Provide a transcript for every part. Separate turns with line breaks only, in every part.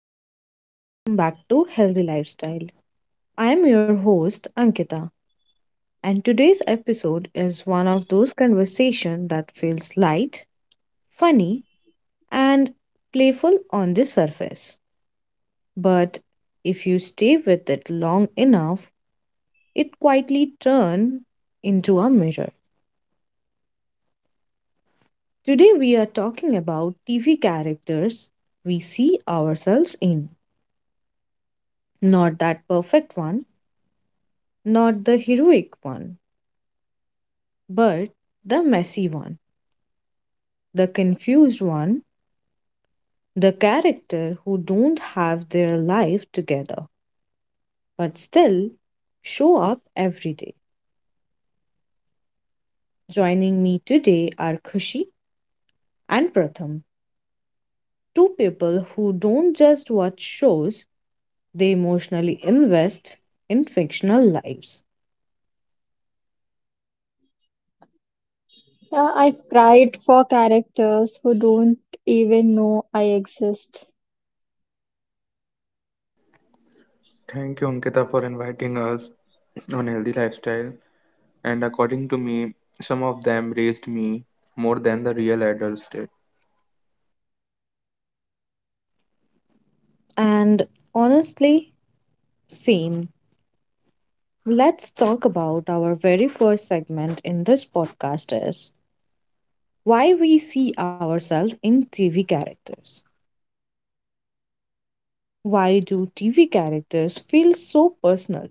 everyone, and welcome back to Healthy Lifestyle. I am your host, Ankita, and today's episode is one of those conversations that feels light, funny, and playful on the surface. But if you stay with it long enough, it quietly turns into a mirror. Today, we are talking about TV characters we see ourselves in. Not that perfect one, not the heroic one, but the messy one, the confused one, the character who don't have their life together but still show up every day. Joining me today are Khushi and Pratham, two people who don't just watch shows, they emotionally invest in fictional lives.
Yeah, I cried for characters who don't even know I exist.
Thank you, Ankita, for inviting us on Healthy Lifestyle. And according to me, some of them raised me more than the real adults did.
And honestly, same. Let's talk about our very first segment in this podcast is why we see ourselves in TV characters. Why do TV characters feel so personal?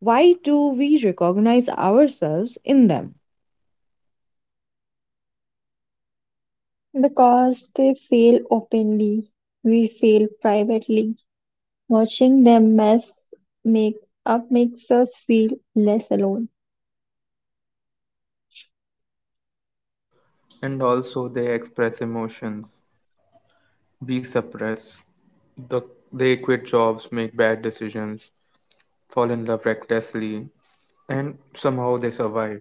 Why do we recognize ourselves in them?
Because they fail openly, we fail privately. Watching them mess make up makes us feel less alone.
And also, they express emotions we suppress. The, they quit jobs, make bad decisions, fall in love recklessly, and somehow they survive.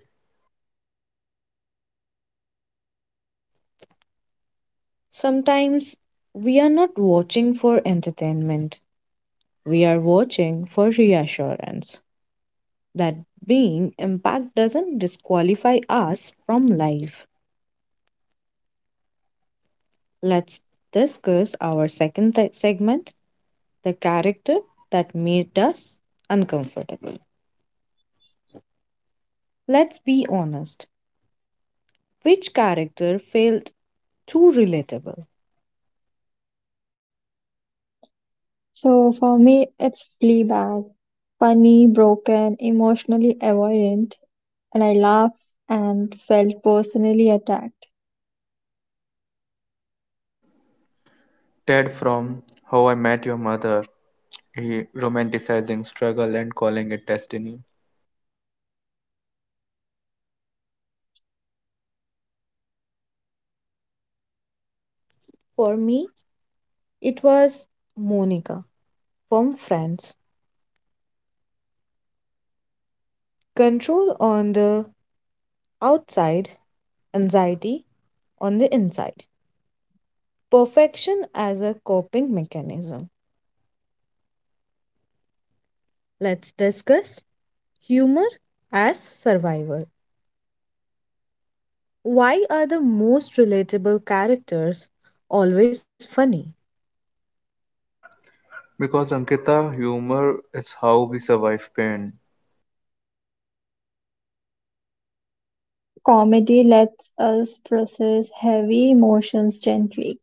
Sometimes we are not watching for entertainment, we are watching for reassurance that being impact doesn't disqualify us from life. Let's discuss our second segment, the character that made us uncomfortable. Let's be honest. Which character felt too relatable?
So for me, it's Fleabag, funny, broken, emotionally avoidant, and I laugh and felt personally attacked.
Ted from How I Met Your Mother, he romanticizing struggle and calling it destiny.
For me, it was Monica from Friends. Control on the outside, anxiety on the inside. Perfection as a coping mechanism. Let's discuss humor as survival. Why are the most relatable characters always funny?
Because Ankita, humor is how we survive pain.
Comedy lets us process heavy emotions gently.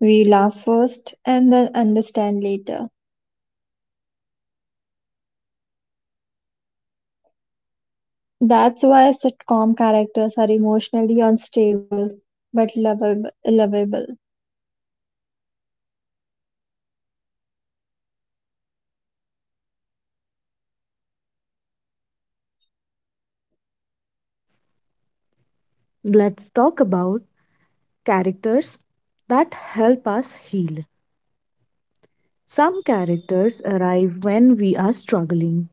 We laugh first and then understand later. That's why sitcom characters are emotionally unstable but lovable.
Let's talk about characters that help us heal. Some characters arrive when we are struggling.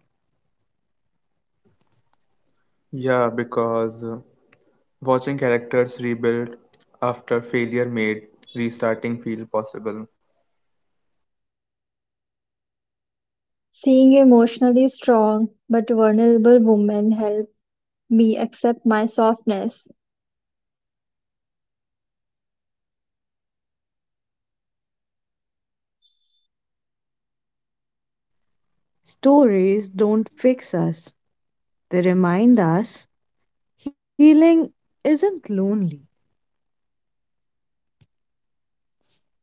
Yeah, because watching characters rebuild after failure made restarting feel possible.
Seeing emotionally strong but vulnerable women help me accept my softness.
Stories don't fix us, they remind us healing isn't lonely.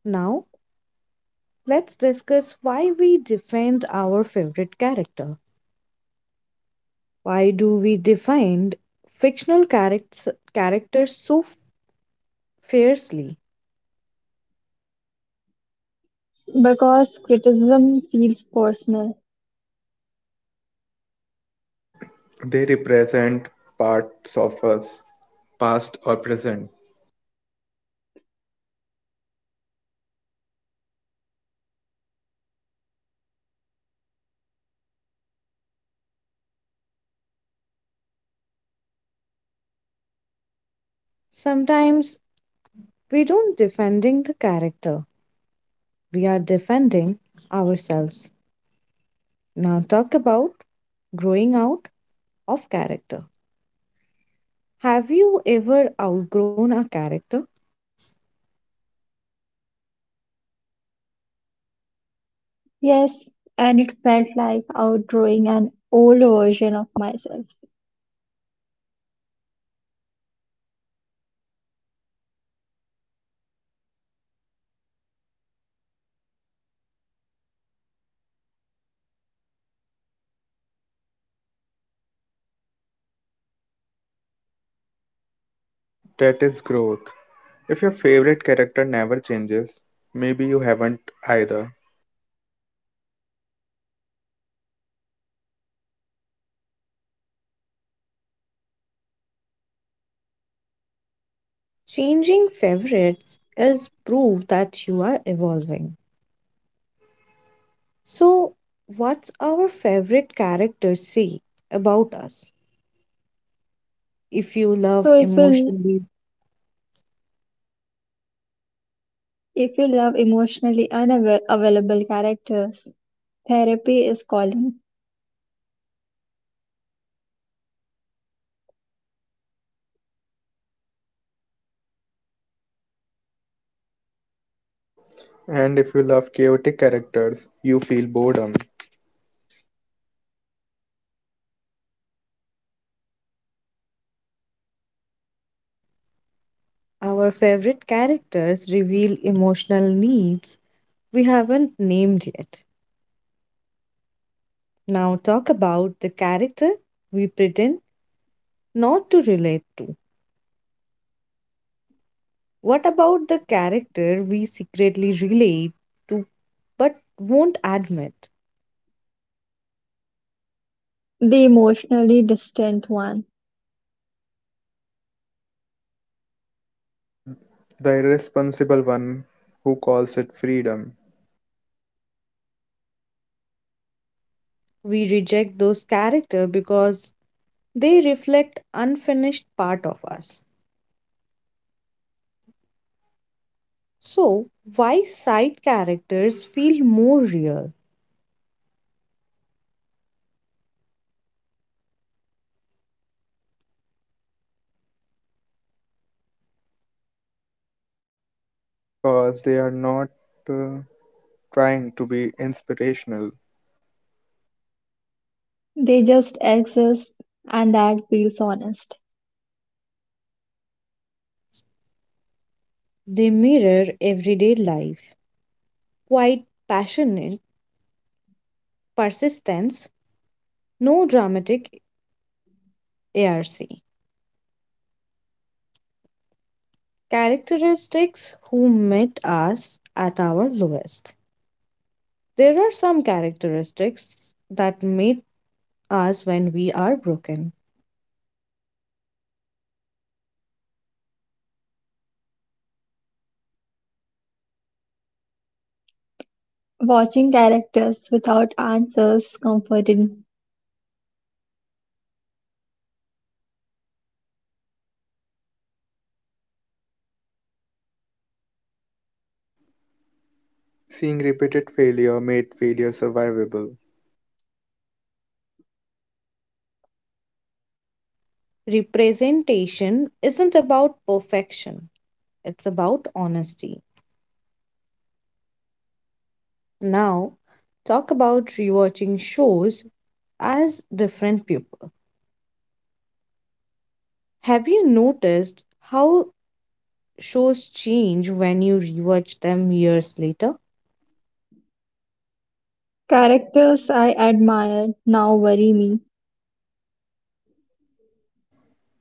Now, let's discuss why we defend our favorite character. Why do we defend fictional characters, characters so fiercely?
Because criticism feels personal.
They represent parts of us, past or present.
Sometimes we don't defending the character, we are defending ourselves. Now talk about growing out of character. Have you ever outgrown a character?
Yes, and it felt like outgrowing an old version of myself.
That is growth. If your favorite character never changes, maybe you haven't either.
Changing favorites is proof that you are evolving. So, what's our favorite character say about us? If you
So
love
if you
emotionally,
if you love emotionally unavailable characters, therapy is calling.
And if you love chaotic characters, you feel boredom.
our favorite characters reveal emotional needs we haven't named yet. Now, talk about the character we pretend not to relate to. What about the character we secretly relate to but won't admit?
The emotionally distant one.
The irresponsible one who calls it freedom,
We reject those characters because they reflect unfinished part of us. So, why side characters feel more real?
because they are not uh, trying to be inspirational.
They just exist, and that feels honest.
They mirror everyday life. Quite passionate persistence, no dramatic arc. Characteristics who met us at our lowest. There are some characteristics that meet us when we are broken.
Watching characters without answers comforted.
Seeing repeated failure made failure survivable,
Representation isn't about perfection, it's about honesty. Now, talk about rewatching shows as different people. Have you noticed how shows change when you rewatch them years later?
Characters I admired now worry me.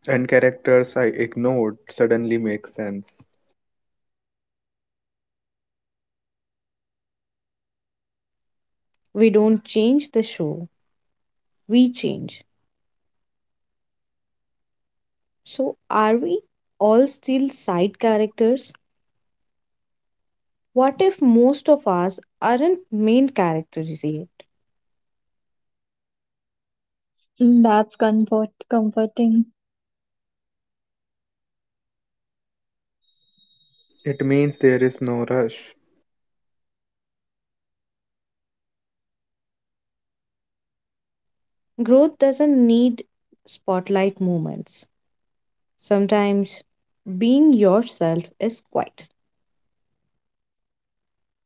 and characters I ignored suddenly make sense.
We don't change the show, we change. So, are we all still side characters? What if most of us aren't main characters yet?
Mm, that's comforting.
It means there is no rush.
Growth doesn't need spotlight moments. Sometimes being yourself is quiet.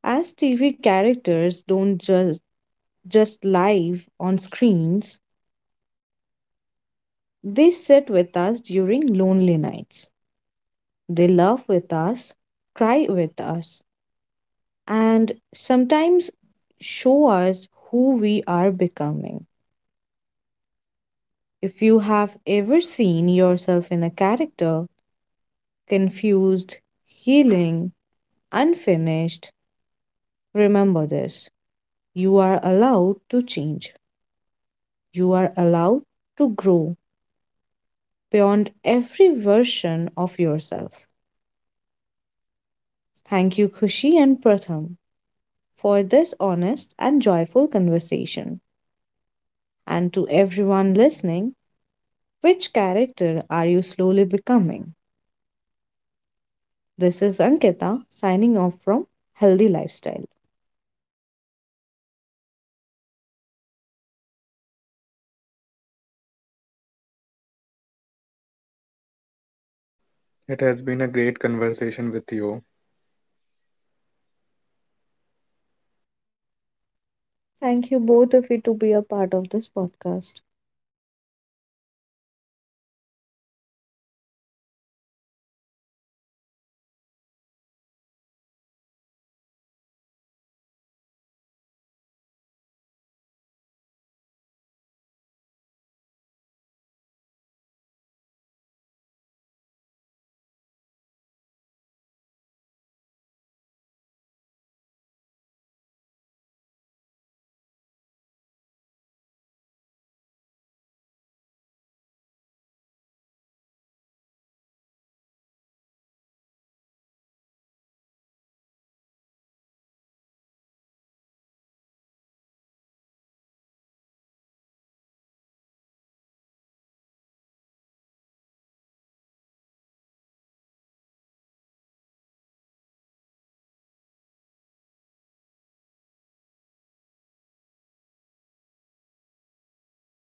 As TV characters don't just live on screens, they sit with us during lonely nights. They laugh with us, cry with us, and sometimes show us who we are becoming. If you have ever seen yourself in a character, confused, healing, unfinished, remember this. You are allowed to change. You are allowed to grow beyond every version of yourself. Thank you, Kushi and Pratham, for this honest and joyful conversation. And to everyone listening, which character are you slowly becoming? This is Ankita signing off from Healthy Lifestyle.
It has been a great conversation with you.
Thank you both of you to be a part of this podcast.